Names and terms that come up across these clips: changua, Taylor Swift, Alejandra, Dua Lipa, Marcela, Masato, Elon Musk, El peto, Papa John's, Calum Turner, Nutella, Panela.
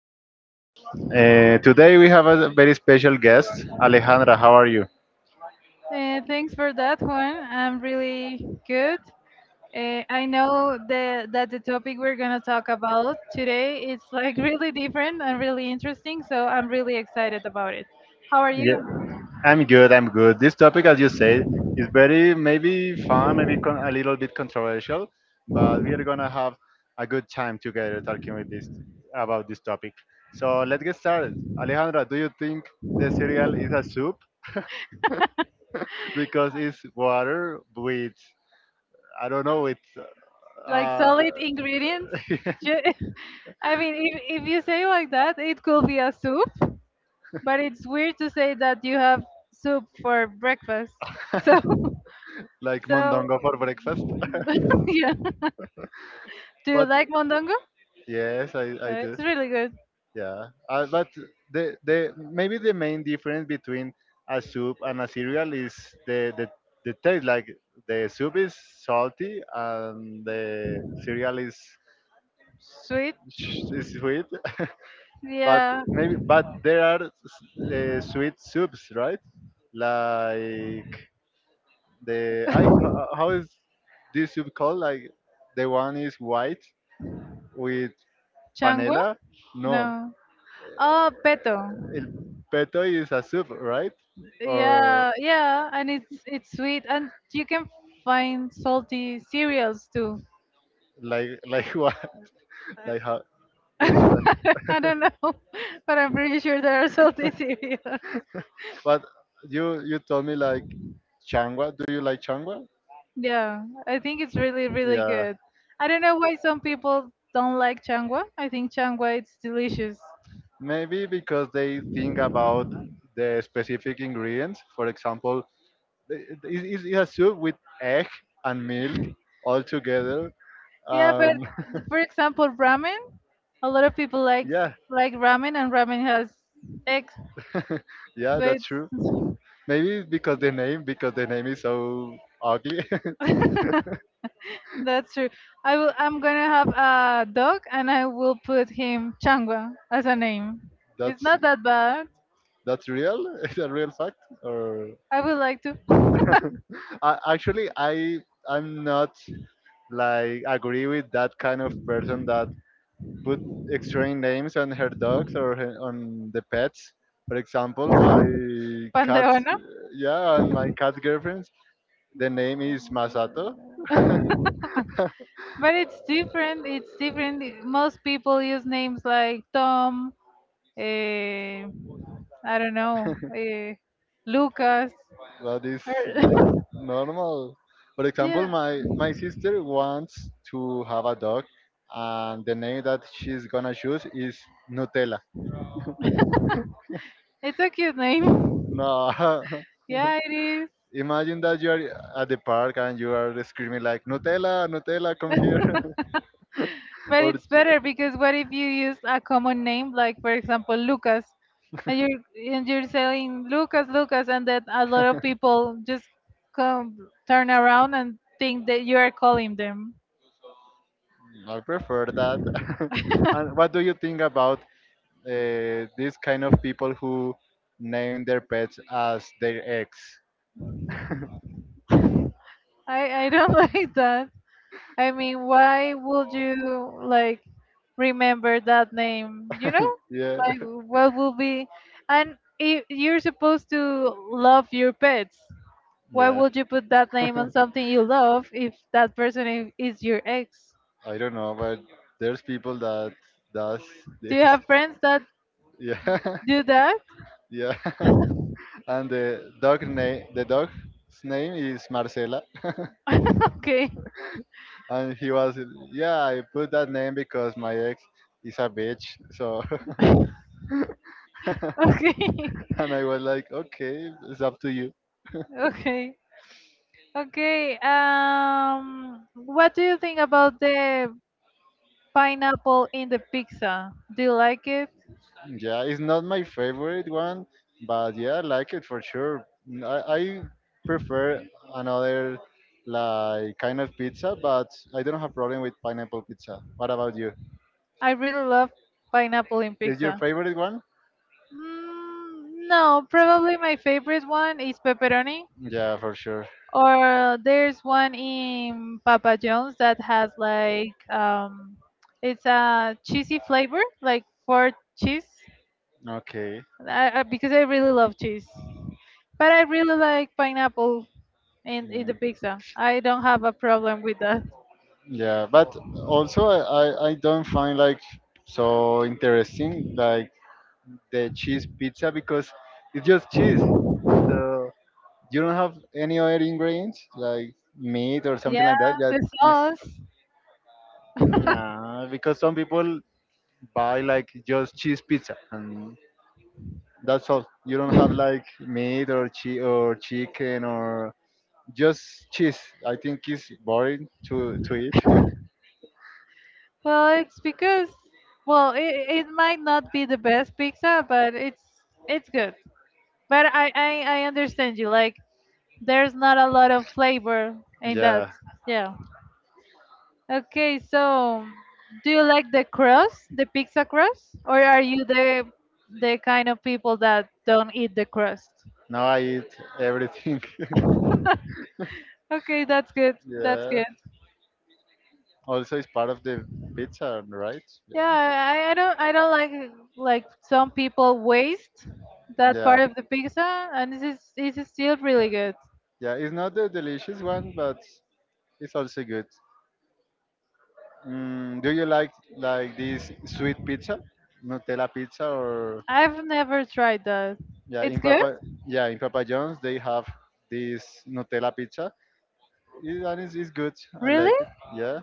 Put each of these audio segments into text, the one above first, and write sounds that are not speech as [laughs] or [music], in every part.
to me. Today we have a very special guest, Alejandra. How are you? Thanks for that one. I'm really good. I know that the topic we're going to talk about today is like [laughs] really different and really interesting, so I'm really excited about it. How are Yeah, you? I'm good, I'm good. This topic, as you said, is very maybe fun, maybe a little bit controversial, but we are gonna have a good time together talking with this about this topic. So let's get started. Alejandra, do you think the cereal is a soup [laughs] [laughs] because it's water with I don't know with Like uh, solid ingredients? [laughs] Ju- [laughs] I mean, if you say like that, it could be a soup. But it's weird to say that you have soup for breakfast. So, like [laughs] so mondongo for breakfast. [laughs] yeah. Do you [laughs] But like mondongo? yes, I do. It's really good. Yeah. But the maybe the main difference between a soup and a cereal is the the the taste. Like the soup is salty and the cereal is Sweet. Is sweet. [laughs] But Yeah. maybe but there are sweet soups, right? Like the I how is this soup called? Like the one is white with Changua? Panela? No. No. Oh, peto. El peto is a soup, right? Or Yeah, yeah, and it's sweet, and you can find salty cereals too. like [laughs] what? Like how? [laughs] Which one? I don't know, [laughs] but I'm pretty sure there are salty cereals. [laughs] But you told me like changua. Do you like changua? Yeah, I think it's really, really Yeah, good. I don't know why some people don't like changwa. I think changwa it's delicious. maybe because they think about the specific ingredients. For example, it's a soup with egg and milk all together. Yeah, but Um, for example, ramen. A lot of people like [laughs] yeah, like ramen, and ramen has eggs, so yeah, that's true. it's [laughs] Maybe because the name is so ugly. [laughs] that's true. I will. I'm gonna have a dog, and I will put him changwa as a name. It's that's not that bad. That's real? [laughs] Is a real fact? Or I would like to. [laughs] I, actually, I'm not like agree with that kind of person that put extreme names on her dogs or her, on the pets. For example, my cat's Panteona. yeah, and my cat girlfriend's the name is Masato. But it's different. It's different. Most people use names like Tom, eh, I don't know, Lucas. That is like or- normal. For [laughs] example, yeah, my sister wants to have a dog, and the name that she's gonna choose is Nutella. it's a cute name. [laughs] No, [laughs] Yeah, it is. imagine that you are at the park and you are screaming like, Nutella, Nutella, come here. [laughs] But Or it's better because what if you use a common name, like for example Lucas, and you're saying Lucas, Lucas, and then a lot of people just come turn around and think that you are calling them. I prefer that. [laughs] And what do you think about these kind of people who name their pets as their ex? I don't [laughs] like that. I mean, why would you like remember that name? You know, Yeah, like what will be, and if you're supposed to love your pets. Why [laughs] yeah. would you put that name on something you love if that person is your ex? I don't know, but there's people that does Do this. you have [laughs] friends that Yeah, [laughs] do that? [laughs] yeah. [laughs] And the dog name, the dog's name is Marcela. Okay, And he was yeah I put that name because my ex is a bitch, so okay, [laughs] and I was like, okay, it's up to you. [laughs] okay, okay. What do you think about the pineapple in the pizza? Do you like it? Yeah, it's not my favorite one, but yeah I like it for sure. I prefer another like kind of pizza, but I don't have problem with pineapple pizza. What about you? I really love pineapple in Is your pizza. favorite one? No, probably my favorite one is pepperoni. Yeah, for sure. Or there's one in Papa John's that has like it's a cheesy flavor, like for cheese. Okay. Because I really love cheese, but I really like pineapple in the Mm, pizza. I don't have a problem with that. yeah, but also I don't find like so interesting like the cheese pizza because it's just cheese. So you don't have any other ingredients like meat or something like Yeah, that. That the is sauce. nah, because some people buy like just cheese pizza and that's all. You don't have like meat or or chicken or just cheese. I think it's boring to eat. [laughs] Well, it's because, well, it might not be the best pizza, but it's good. But I understand you. Like there's not a lot of flavor in that. Yeah, Yeah. Okay, so do you like the crust, the pizza crust, or are you the kind of people that don't eat the crust? now I eat everything. Okay, that's good. [laughs] That's Yeah, good. also it's part of the pizza, right? Yeah. Yeah, I don't like some people waste that Yeah. part of the pizza, and this is still really good. Yeah, it's not the delicious one, but it's also good. Mm, do you like this sweet pizza, Nutella pizza, or I've never tried that. yeah, It's in good? Papa yeah in Papa John's they have this Nutella pizza. It, and it's good. I Really? like it. Yeah,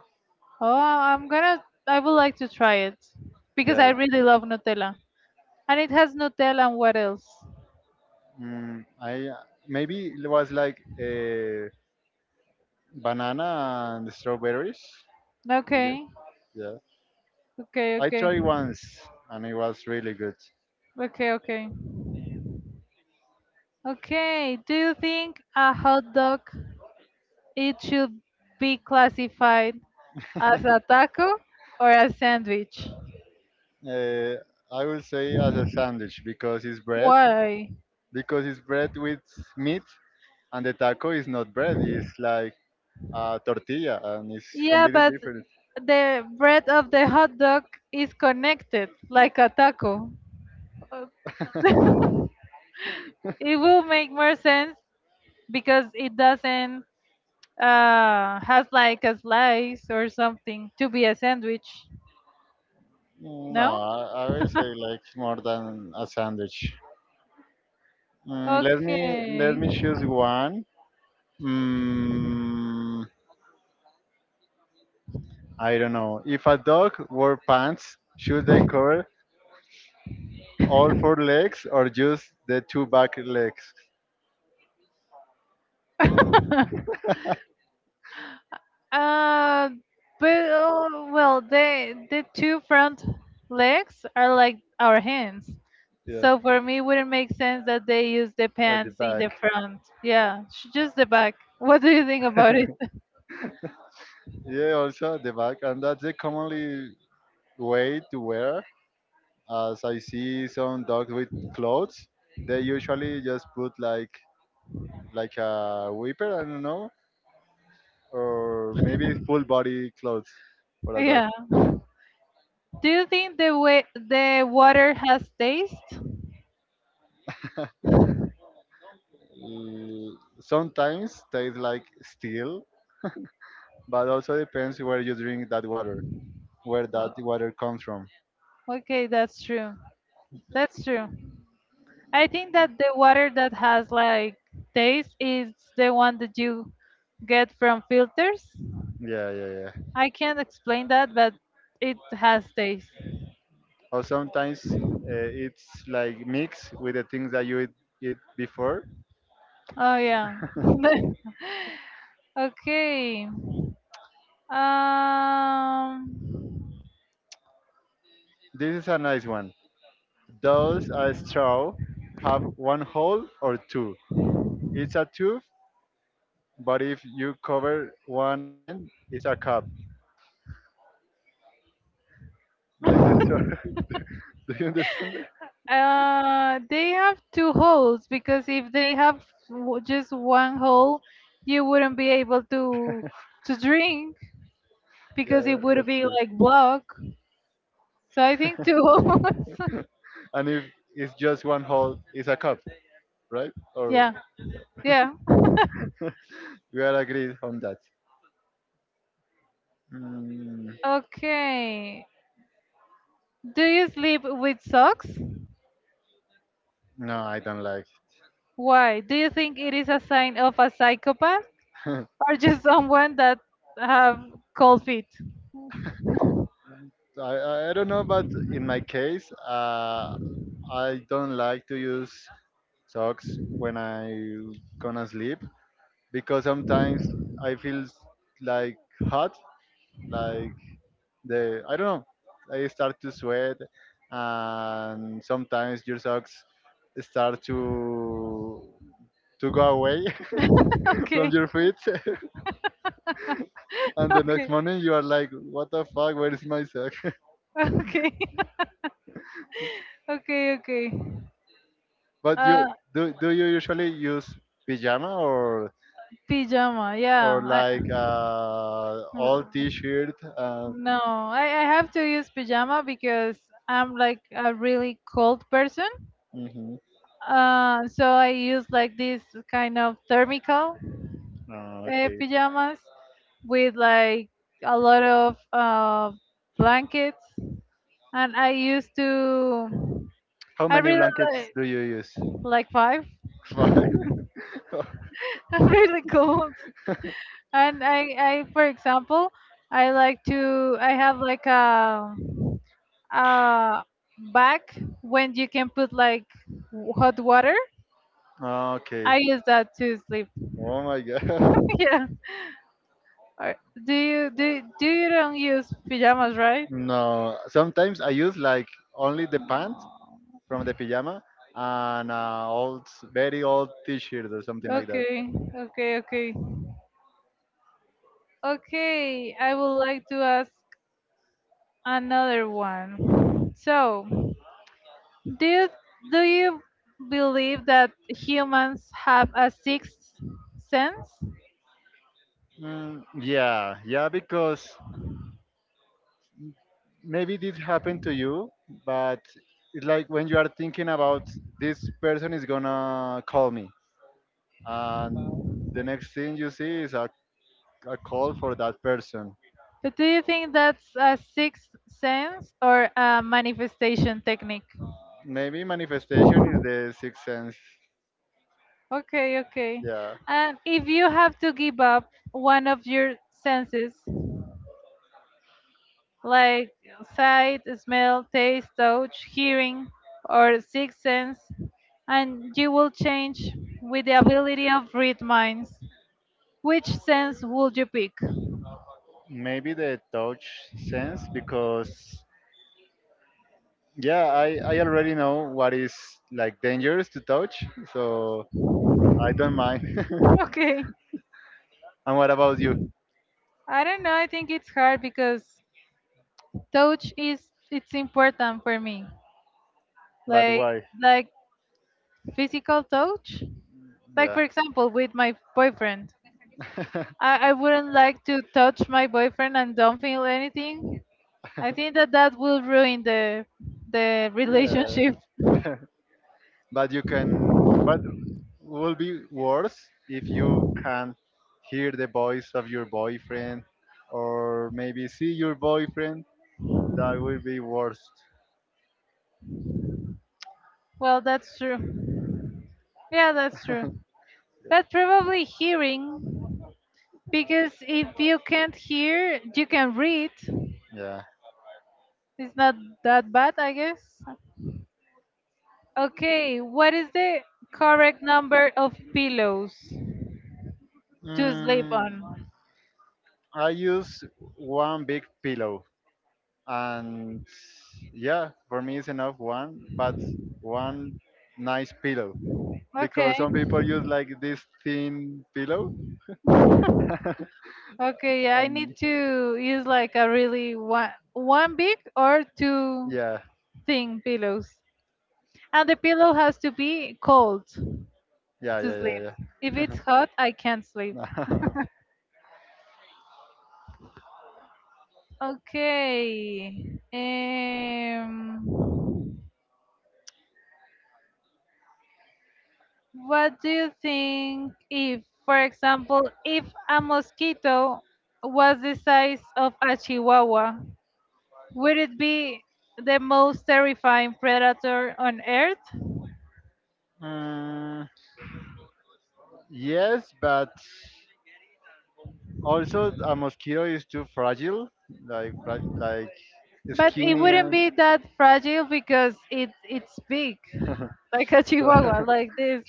Oh, I would like to try it because I yeah. really love Nutella. And it has Nutella and what else? Mm, I maybe it was like a banana and strawberries. I guess. Okay. Yeah, Okay, I okay. tried once and it was really good. Okay, okay. Okay, do you think a hot dog, it should be classified as a taco or a sandwich? Uh, I will say as a sandwich Why? because it's bread with meat, and the taco is not bread. It's like a tortilla, and it's Yeah, completely but different. the bread of the hot dog is connected like a taco. Uh, [laughs] it will make more sense because it doesn't, has like a slice or something to be a sandwich. Mm, no, No? I will say like more than a sandwich. Mm, let Okay. me choose one. Mm, I don't know. If a dog wore pants, should they cover all four legs or just the two back legs? [laughs] Uh, but, well, the two front legs are like our hands, Yeah, so for me, it wouldn't make sense that they use the at the pants in back. the front. Yeah, just the back. [laughs] What do you think about it? [laughs] Yeah, also at the back, and that's the commonly way to wear. As I see some dogs with clothes, they usually just put like a whipper, I don't know, or maybe full body clothes for a dog. Yeah. Do you think the way the water has taste? Mm, sometimes tastes like steel, but also depends where you drink that water, where that Well, water comes from. okay, that's true. That's true. I think that the water that has like taste is the one that you get from filters. Yeah, yeah, yeah. I can't explain that, but it has taste. Or sometimes uh, it's like mixed with the things that you eat, eat before. Oh yeah. [laughs] Okay. Um. This is a nice one. Those are straw, have one hole or two. It's a tube, but if you cover one end, it's a cup, like the straw. [laughs] Do you understand that? They have two holes because if they have, just one hole, you wouldn't be able to drink Yeah, because it would that's be true. like blocked. So I think two holes. [laughs] And if it's just one hole, it's a cup, right? Or Yeah. Yeah. we are agreed on that. Mm, Okay. Do you sleep with socks? no, I don't like. Why? Do you think it is a sign of a psychopath? It. Or just someone that have cold feet. [laughs] I don't know, but in my case, I don't like to use socks when I gonna sleep because sometimes I feel like hot, like the I don't know. I start to sweat, and sometimes your socks start to go away [laughs] [laughs] from Okay. your feet, [laughs] and the next Okay. morning you are like, "What the fuck? Where is my sock?" [laughs] Okay. [laughs] Okay. Okay. But Uh, you do you usually use pajama Pajama. or Yeah. I, like all t-shirt? No, I, I have to use pajama because I'm like a really cold person. Mhm. So I use like this kind of thermical, Oh, okay. pajamas with like a lot of, blankets, and I used to. How I many really blankets like do you use? like five. [laughs] Five. [laughs] [laughs] I'm really cold. And, for example, I have like, a bag when you can put like, hot water. Okay. I use that to sleep. Oh my [laughs] god. [laughs] Yeah. Or do you don't use pajamas, right? No, sometimes I use like only the pants from the pyjama and old, very old T-shirt or something like that. Okay, okay, okay. Okay, I would like to ask another one. So, Do, do you believe that humans have a sixth sense? Mm, yeah, yeah, because maybe this happened to you, but it's like when you are thinking about this person is gonna call me, and the next thing you see is a call for that person. But do you think that's a sixth sense or a manifestation technique? Maybe manifestation is the sixth sense. Okay, okay. Yeah, And if you have to give up one of your senses, like sight, smell, taste, touch, hearing, or sixth sense, and you will change with the ability of read minds, which sense would you pick? maybe the touch sense because yeah, I already know what is like dangerous to touch, so I don't mind. [laughs] Okay. And what about you? I don't know. I think it's hard because touch is it's important for me. But Like, why? like physical touch. Like Yeah. for example, with my boyfriend, [laughs] I wouldn't like to touch my boyfriend and don't feel anything. I think that that will ruin the Yeah. relationship. [laughs] But you can but will be worse if you can't hear the voice of your boyfriend or maybe see your boyfriend. That will be worse. Well, that's true. Yeah, that's true. Yeah. But probably hearing because if you can't hear, you can read. Yeah. It's not that bad, I guess. Okay, what is the correct number of pillows to sleep on? Mm, I use one big pillow and yeah, for me it's enough one, but one nice pillow because Okay. some people use like this thin pillow, Okay, yeah, I need and to use like a really one big or two yeah, thin pillows. And the pillow has to be cold yeah, to sleep. yeah, If it's hot, I can't sleep. yeah, yeah. [laughs] Okay. Um What do you think if, for example, if a mosquito was the size of a chihuahua, would it be the most terrifying predator on earth? Mm, yes, but also a mosquito is too fragile, like like But it skinny wouldn't and be that fragile because it's big, like a chihuahua, so like this.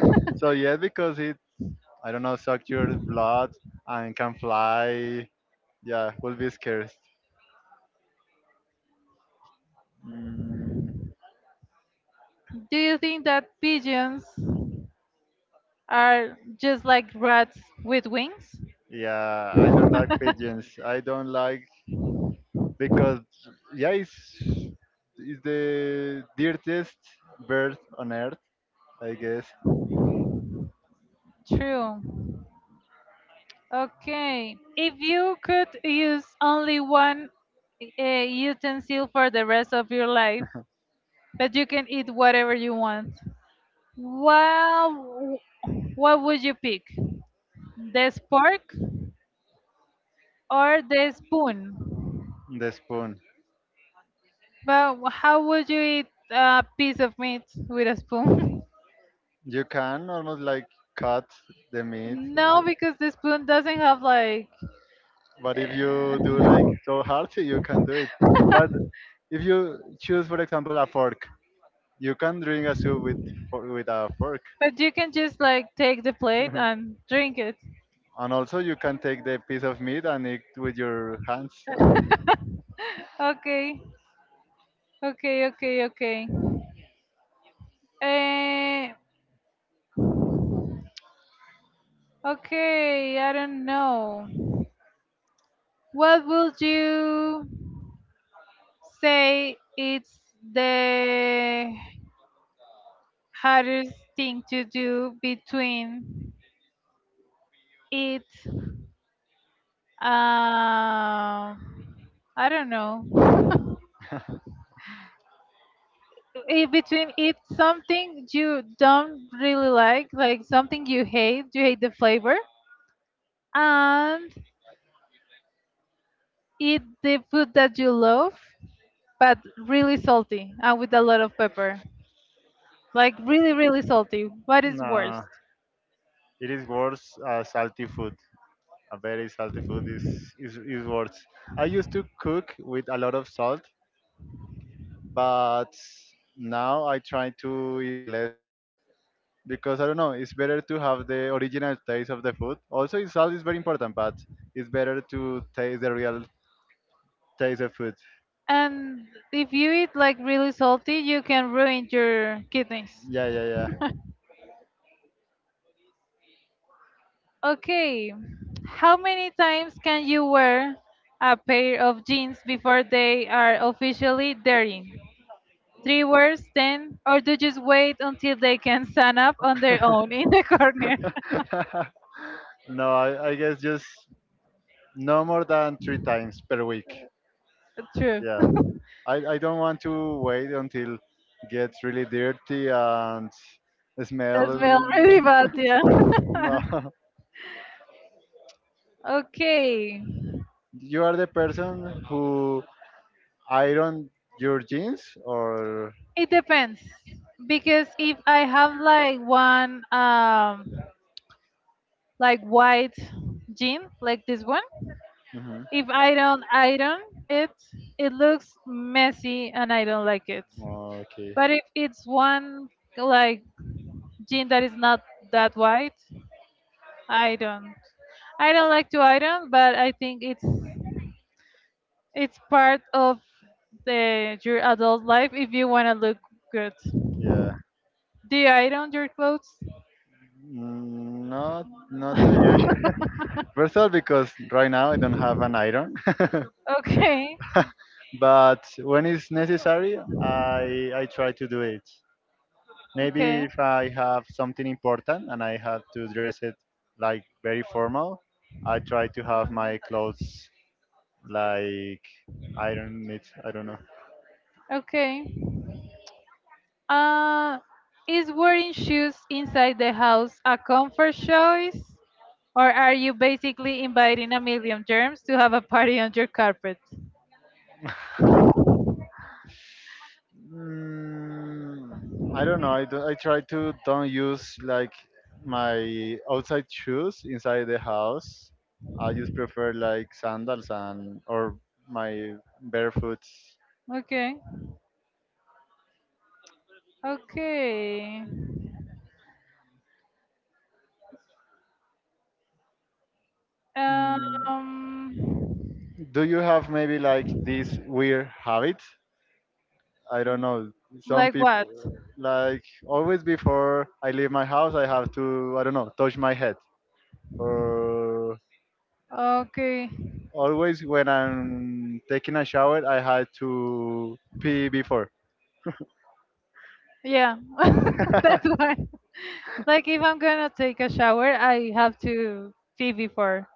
[laughs] so yeah, because it I don't know suck your blood and can fly. Yeah, will be scarce. Mm, Do you think that pigeons are just like rats with wings? yeah, I don't like pigeons. I don't like because yeah, it's the dirtiest bird on earth, I guess. True. Okay. If you could use only one, utensil for the rest of your life, but you can eat whatever you want, well, what would you pick? The spork or the spoon? The spoon. But how would you eat a piece of meat with a spoon? You can almost like cut the [laughs] meat, No, because the spoon doesn't have like. [laughs] but if you Uh, do like so hard, [laughs] you can do it. But if you choose, for example, a fork, you can drink a soup with with a fork. but you can just like take the plate [laughs] and drink it. And also, you can take the piece of meat and eat with your hands. And, Okay. Okay, okay, okay. Eh, okay, I don't know. What would you say it's the hardest thing to do between it? I don't know. [laughs] In between it, something you don't really like something you hate the flavor, and eat the food that you love, but really salty and with a lot of pepper. Like really really salty, what is worse? no, it is worse salty food. A very salty food is worse. I used to cook with a lot of salt, but now I try to eat less salt because I don't know. It's better to have the original taste of the food. Also, it's salt is very important, but it's better to taste the real taste of food. And if you eat like really salty, you can ruin your kidneys. Yeah, yeah, Okay, how many times can you wear a pair of jeans before they are officially dirty? Three wears, 10, or do just wait until they can stand up on their own in the [laughs] corner? yeah. [laughs] No, I guess just no more than three times per week. True. Yeah. I don't want to wait until gets really dirty and [laughs] smell. That smells really bad, yeah. No, [laughs] [laughs] Okay. you are the person who iron your jeans or It depends because if I have like one, like white jean like this one, mhm. if I don't iron it, it looks messy and I don't like it. Okay. But if it's one like jean that is not that white, I don't. I don't like to iron, but I think it's part of the your adult life if you want to look good. Yeah. Do you iron your clothes? Mm, not not too usual. First of all, because right now I don't have an iron, [laughs] Okay. [laughs] but when it's necessary, I try to do it. Okay. Maybe if I have something important and I have to dress it like very formal, I try to have my clothes like iron it. I don't Okay. Uh, is wearing shoes inside the house a comfort choice? Or are you basically inviting a million germs to have a party on your carpet? know. [laughs] Mm, I don't know. I try to don't use like my outside shoes inside the house. I just prefer like sandals and or my barefoot. Okay. Okay. Mm, Um, do you have maybe like this weird habit? I don't know. Some like what? people like always before I leave my house, I have to I don't know touch my head or Okay. always when I'm taking a shower, I had to pee before. Yeah. [laughs] [laughs] That's why. Like if I'm gonna take a shower, I have to pee before.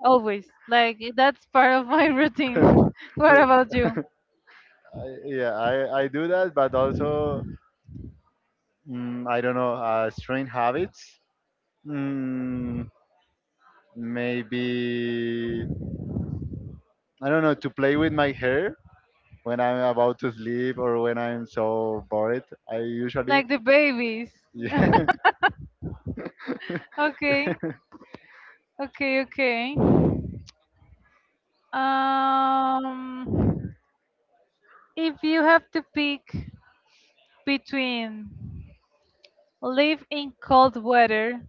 Always. Like that's part of my routine. [laughs] What Do- about you? I- yeah, I do that, but also mm, I don't know strange habits. Mm, maybe I don't know to play with my hair when I'm about to sleep or when I'm so bored. I usually Like the babies. [laughs] yeah. Okay, [laughs] okay, okay. Um, if you have to pick between live in cold weather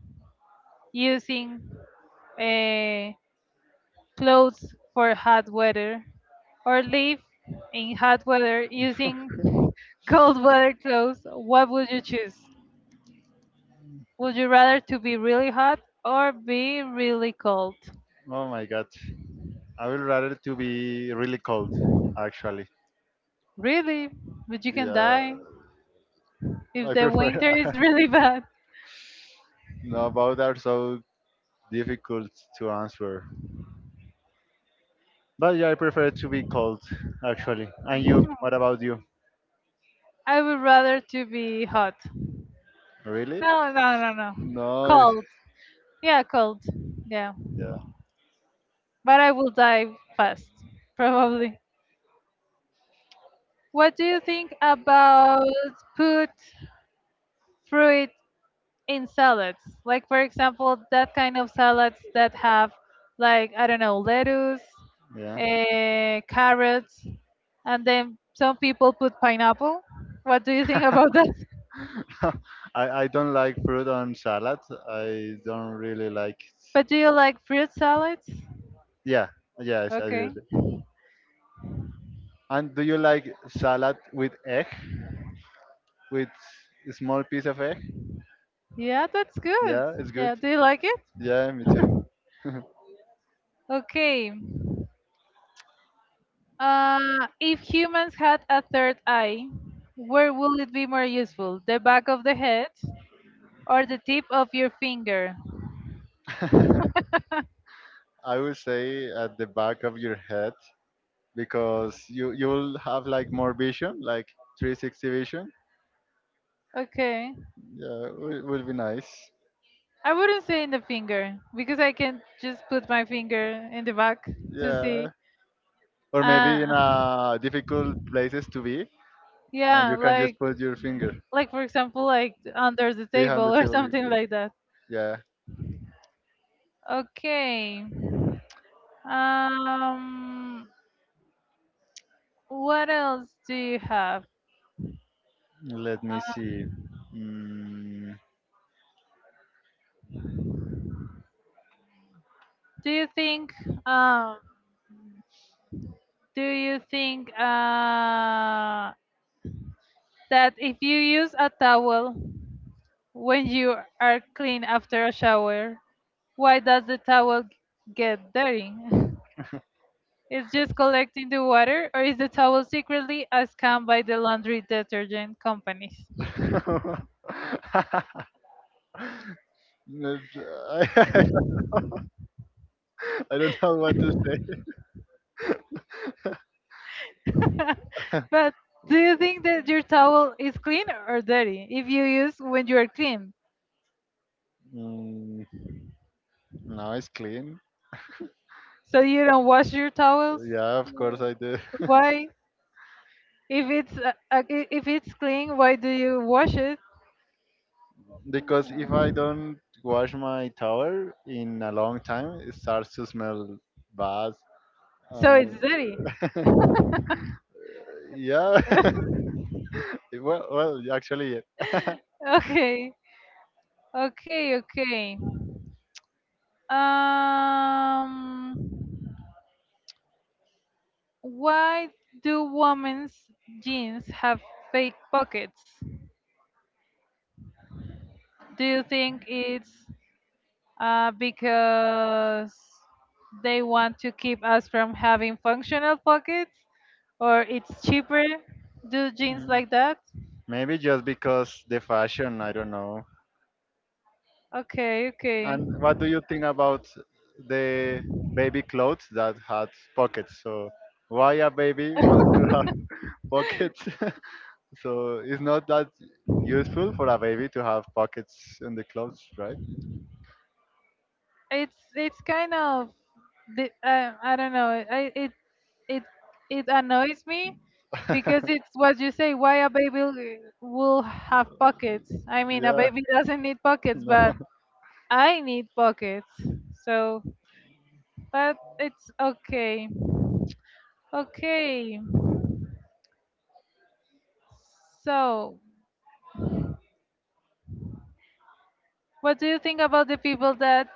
using, uh, clothes for hot weather, or live in hot weather using [laughs] cold weather clothes, what would you choose? Would you rather to be really hot or be really cold? Oh my god, I would rather to be really cold actually. Really, but you can Yeah, die. If I the prefer. winter is really [laughs] bad, [laughs] No, both are so difficult to answer. But yeah, I prefer to be cold, actually. And you? What about you? I would rather to be hot. Really? No, no, no, no. Nice. Cold. Yeah, cold. Yeah. Yeah. But I will die fast, probably. What do you think about put fruit in salads? Like, for example, that kind of salads that have, like, I don't know, lettuce, Yeah. Carrots, and then some people put pineapple. What do you think about that? [laughs] [laughs] I don't like fruit on salad. I don't really like it. But do you like fruit salads? Yeah. Yes, I do. Okay. And do you like salad with egg? With a small piece of egg? Yeah, that's good. Yeah, it's good. Yeah, do you like it? Yeah, me too. Okay. If humans had a third eye, where would it be more useful? The back of the head or the tip of your finger? [laughs] I would say at the back of your head because you'll have like more vision, like 360 vision. Okay. Yeah, it would be nice. I wouldn't say in the finger because I can just put my finger in the back to see. Yeah. Or maybe in Uh, a difficult places to be, and yeah, you can just like put your finger for example, like under the behind the table or [laughs] table. something like that. Yeah. Okay. Um, what else do you have? Let me Uh, see. Mm. do you think um do you think uh that if you use a towel when you are clean after a shower, why does get dirty? [laughs] It's just collecting the water, or is the towel secretly a scam by the laundry detergent companies? [laughs] Not- I [laughs] I don't know what to say. [laughs] But do you think that your towel is clean or dirty if you use when you are clean? Mm, now it's clean. So you don't wash your towels? Yeah, of course I do. [laughs] Why, if if it's clean, why do you wash it Because if I don't wash my towel in a long time, it starts to smell bad. so Uh, it's dirty? yeah, [laughs] [laughs] well, well, actually, [laughs] Okay, okay, okay. Um, why do women's jeans have fake pockets? Do you think it's because they want to keep us from having functional pockets, or it's cheaper? Do jeans mm, like that? maybe just because the fashion, I don't know. Okay, okay. And what do you think about the baby clothes that had pockets? So why a baby wants to have [laughs] pockets? [laughs] So it's not that useful for a baby to have pockets in the clothes, right? It's kind of, I don't know. I, it it annoys me because [laughs] it's what you say. Why a baby will have pockets? I mean, a Yeah, baby doesn't need pockets, but no. [laughs] I need pockets. So, but it's okay. Okay. So, what do you think about the people that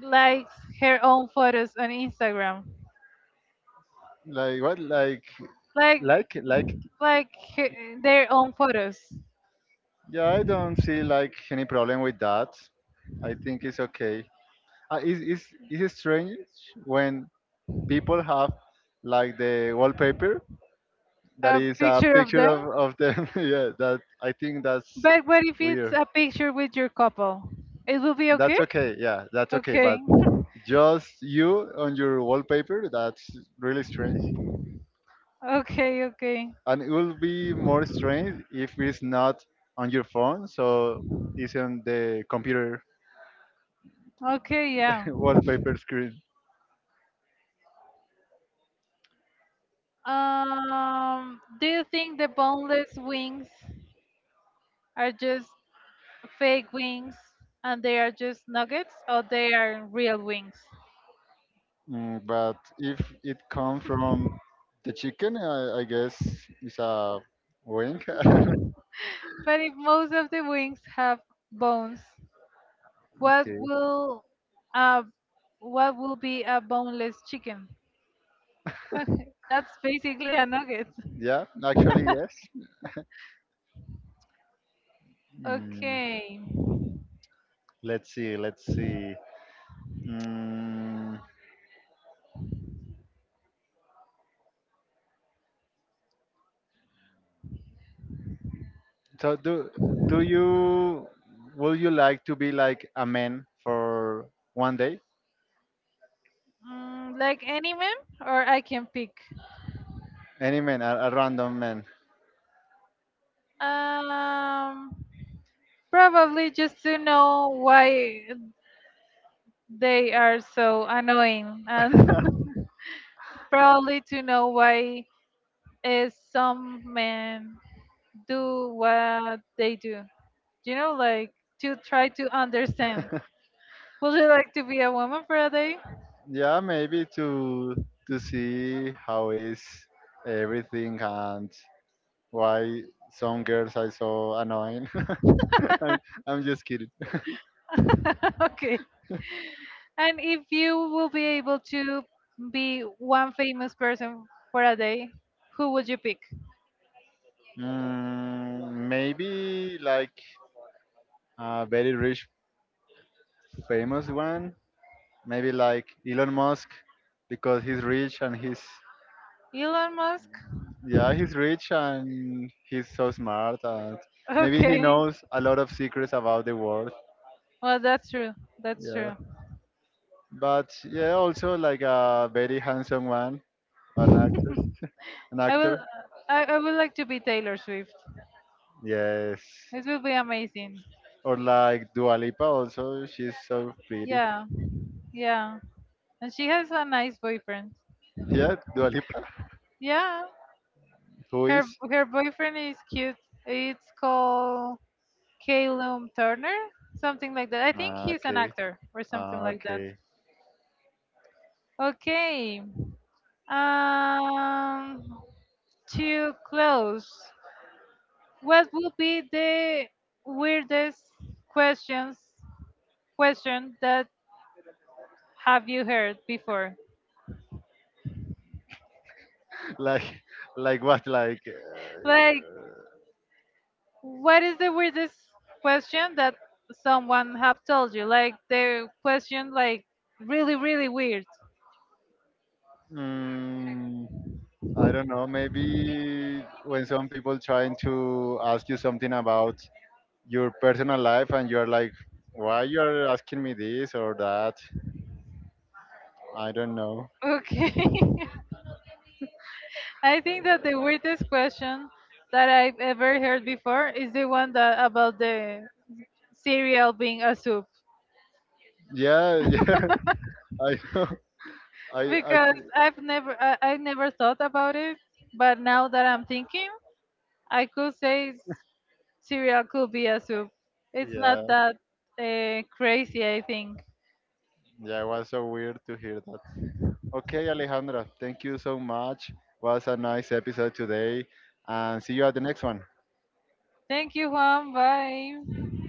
likes her own photos on Instagram? Like what? Like Like like like like her, their own photos, yeah. I don't see like any problem with that. I think it's okay. Uh, is is is strange when people have like the wallpaper that a is a picture of picture them. Of them. [laughs] Yeah, that I think that's But what if it's weird. a picture with your couple? It will be That's okay? okay. Yeah, that's okay. Okay. But just you on your wallpaper, that's really strange. Okay, okay. And it will be more strange if it's not on your phone, so it's on the computer Okay, [laughs] yeah. wallpaper screen. Do you think the boneless wings are just fake wings and they are just nuggets or they are real wings? Mm, but if it come from the chicken, I guess it's a wing. [laughs] But if most of the wings have bones, what Okay. will uh what will be a boneless chicken? That's basically a nugget. Yeah, actually, yes. Mm, Okay. let's see. Let's see. Mm, so do you would you like to be like a man for one day? Mm, like any meme, or I can pick. Any man, a random man. Um, probably just to know why they are so annoying, and [laughs] [laughs] probably to know why is some men do what they do. You know, like to try to understand. Would you like to be a woman for a day? Yeah, maybe to see how is everything and why some girls are so annoying. [laughs] I'm, I'm just kidding. [laughs] [laughs] Okay. And if you will be able to be one famous person for a day, who would you pick? Mm, maybe like a very rich, famous one. Maybe like Elon Musk because he's rich and he's Elon Musk? [laughs] yeah he's rich and he's so smart and maybe he Okay. knows a lot of secrets about the world. Well, that's true. That's Yeah. true. But yeah, also like a very handsome one, an actress, an I will. actor. I would like to be Taylor Swift. Yes. It will be amazing. Or like Dua Lipa also, she's so pretty. Yeah. Yeah. And she has a nice boyfriend. Yeah, Dua Lipa. Yeah. Who Her is? her boyfriend is cute. It's called Calum Turner, something like that. I think Ah, he's an okay. actor or something Ah, like that. okay. Okay. Um, to close, what would be the weirdest questions question that have you heard before? [laughs] Like, like what? Like, Like, what is the weirdest question that someone have told you? Like the question, like really, really weird. mm, I don't know. Maybe when some people trying to ask you something about your personal life and you're like why you're asking me this or that I don't know. Okay, [laughs] I think that the weirdest question that I've ever heard before is the one that about the cereal being a soup Yeah, [laughs] yeah. I know. I because could. I never thought about it, but now that I'm thinking, I could say cereal could be a soup. It's Yeah, not that crazy, I think. yeah. It was so weird to hear that. Okay, Alejandra. Thank you so much. Was a nice episode today, and see you at the next one. Thank you, Juan. Bye.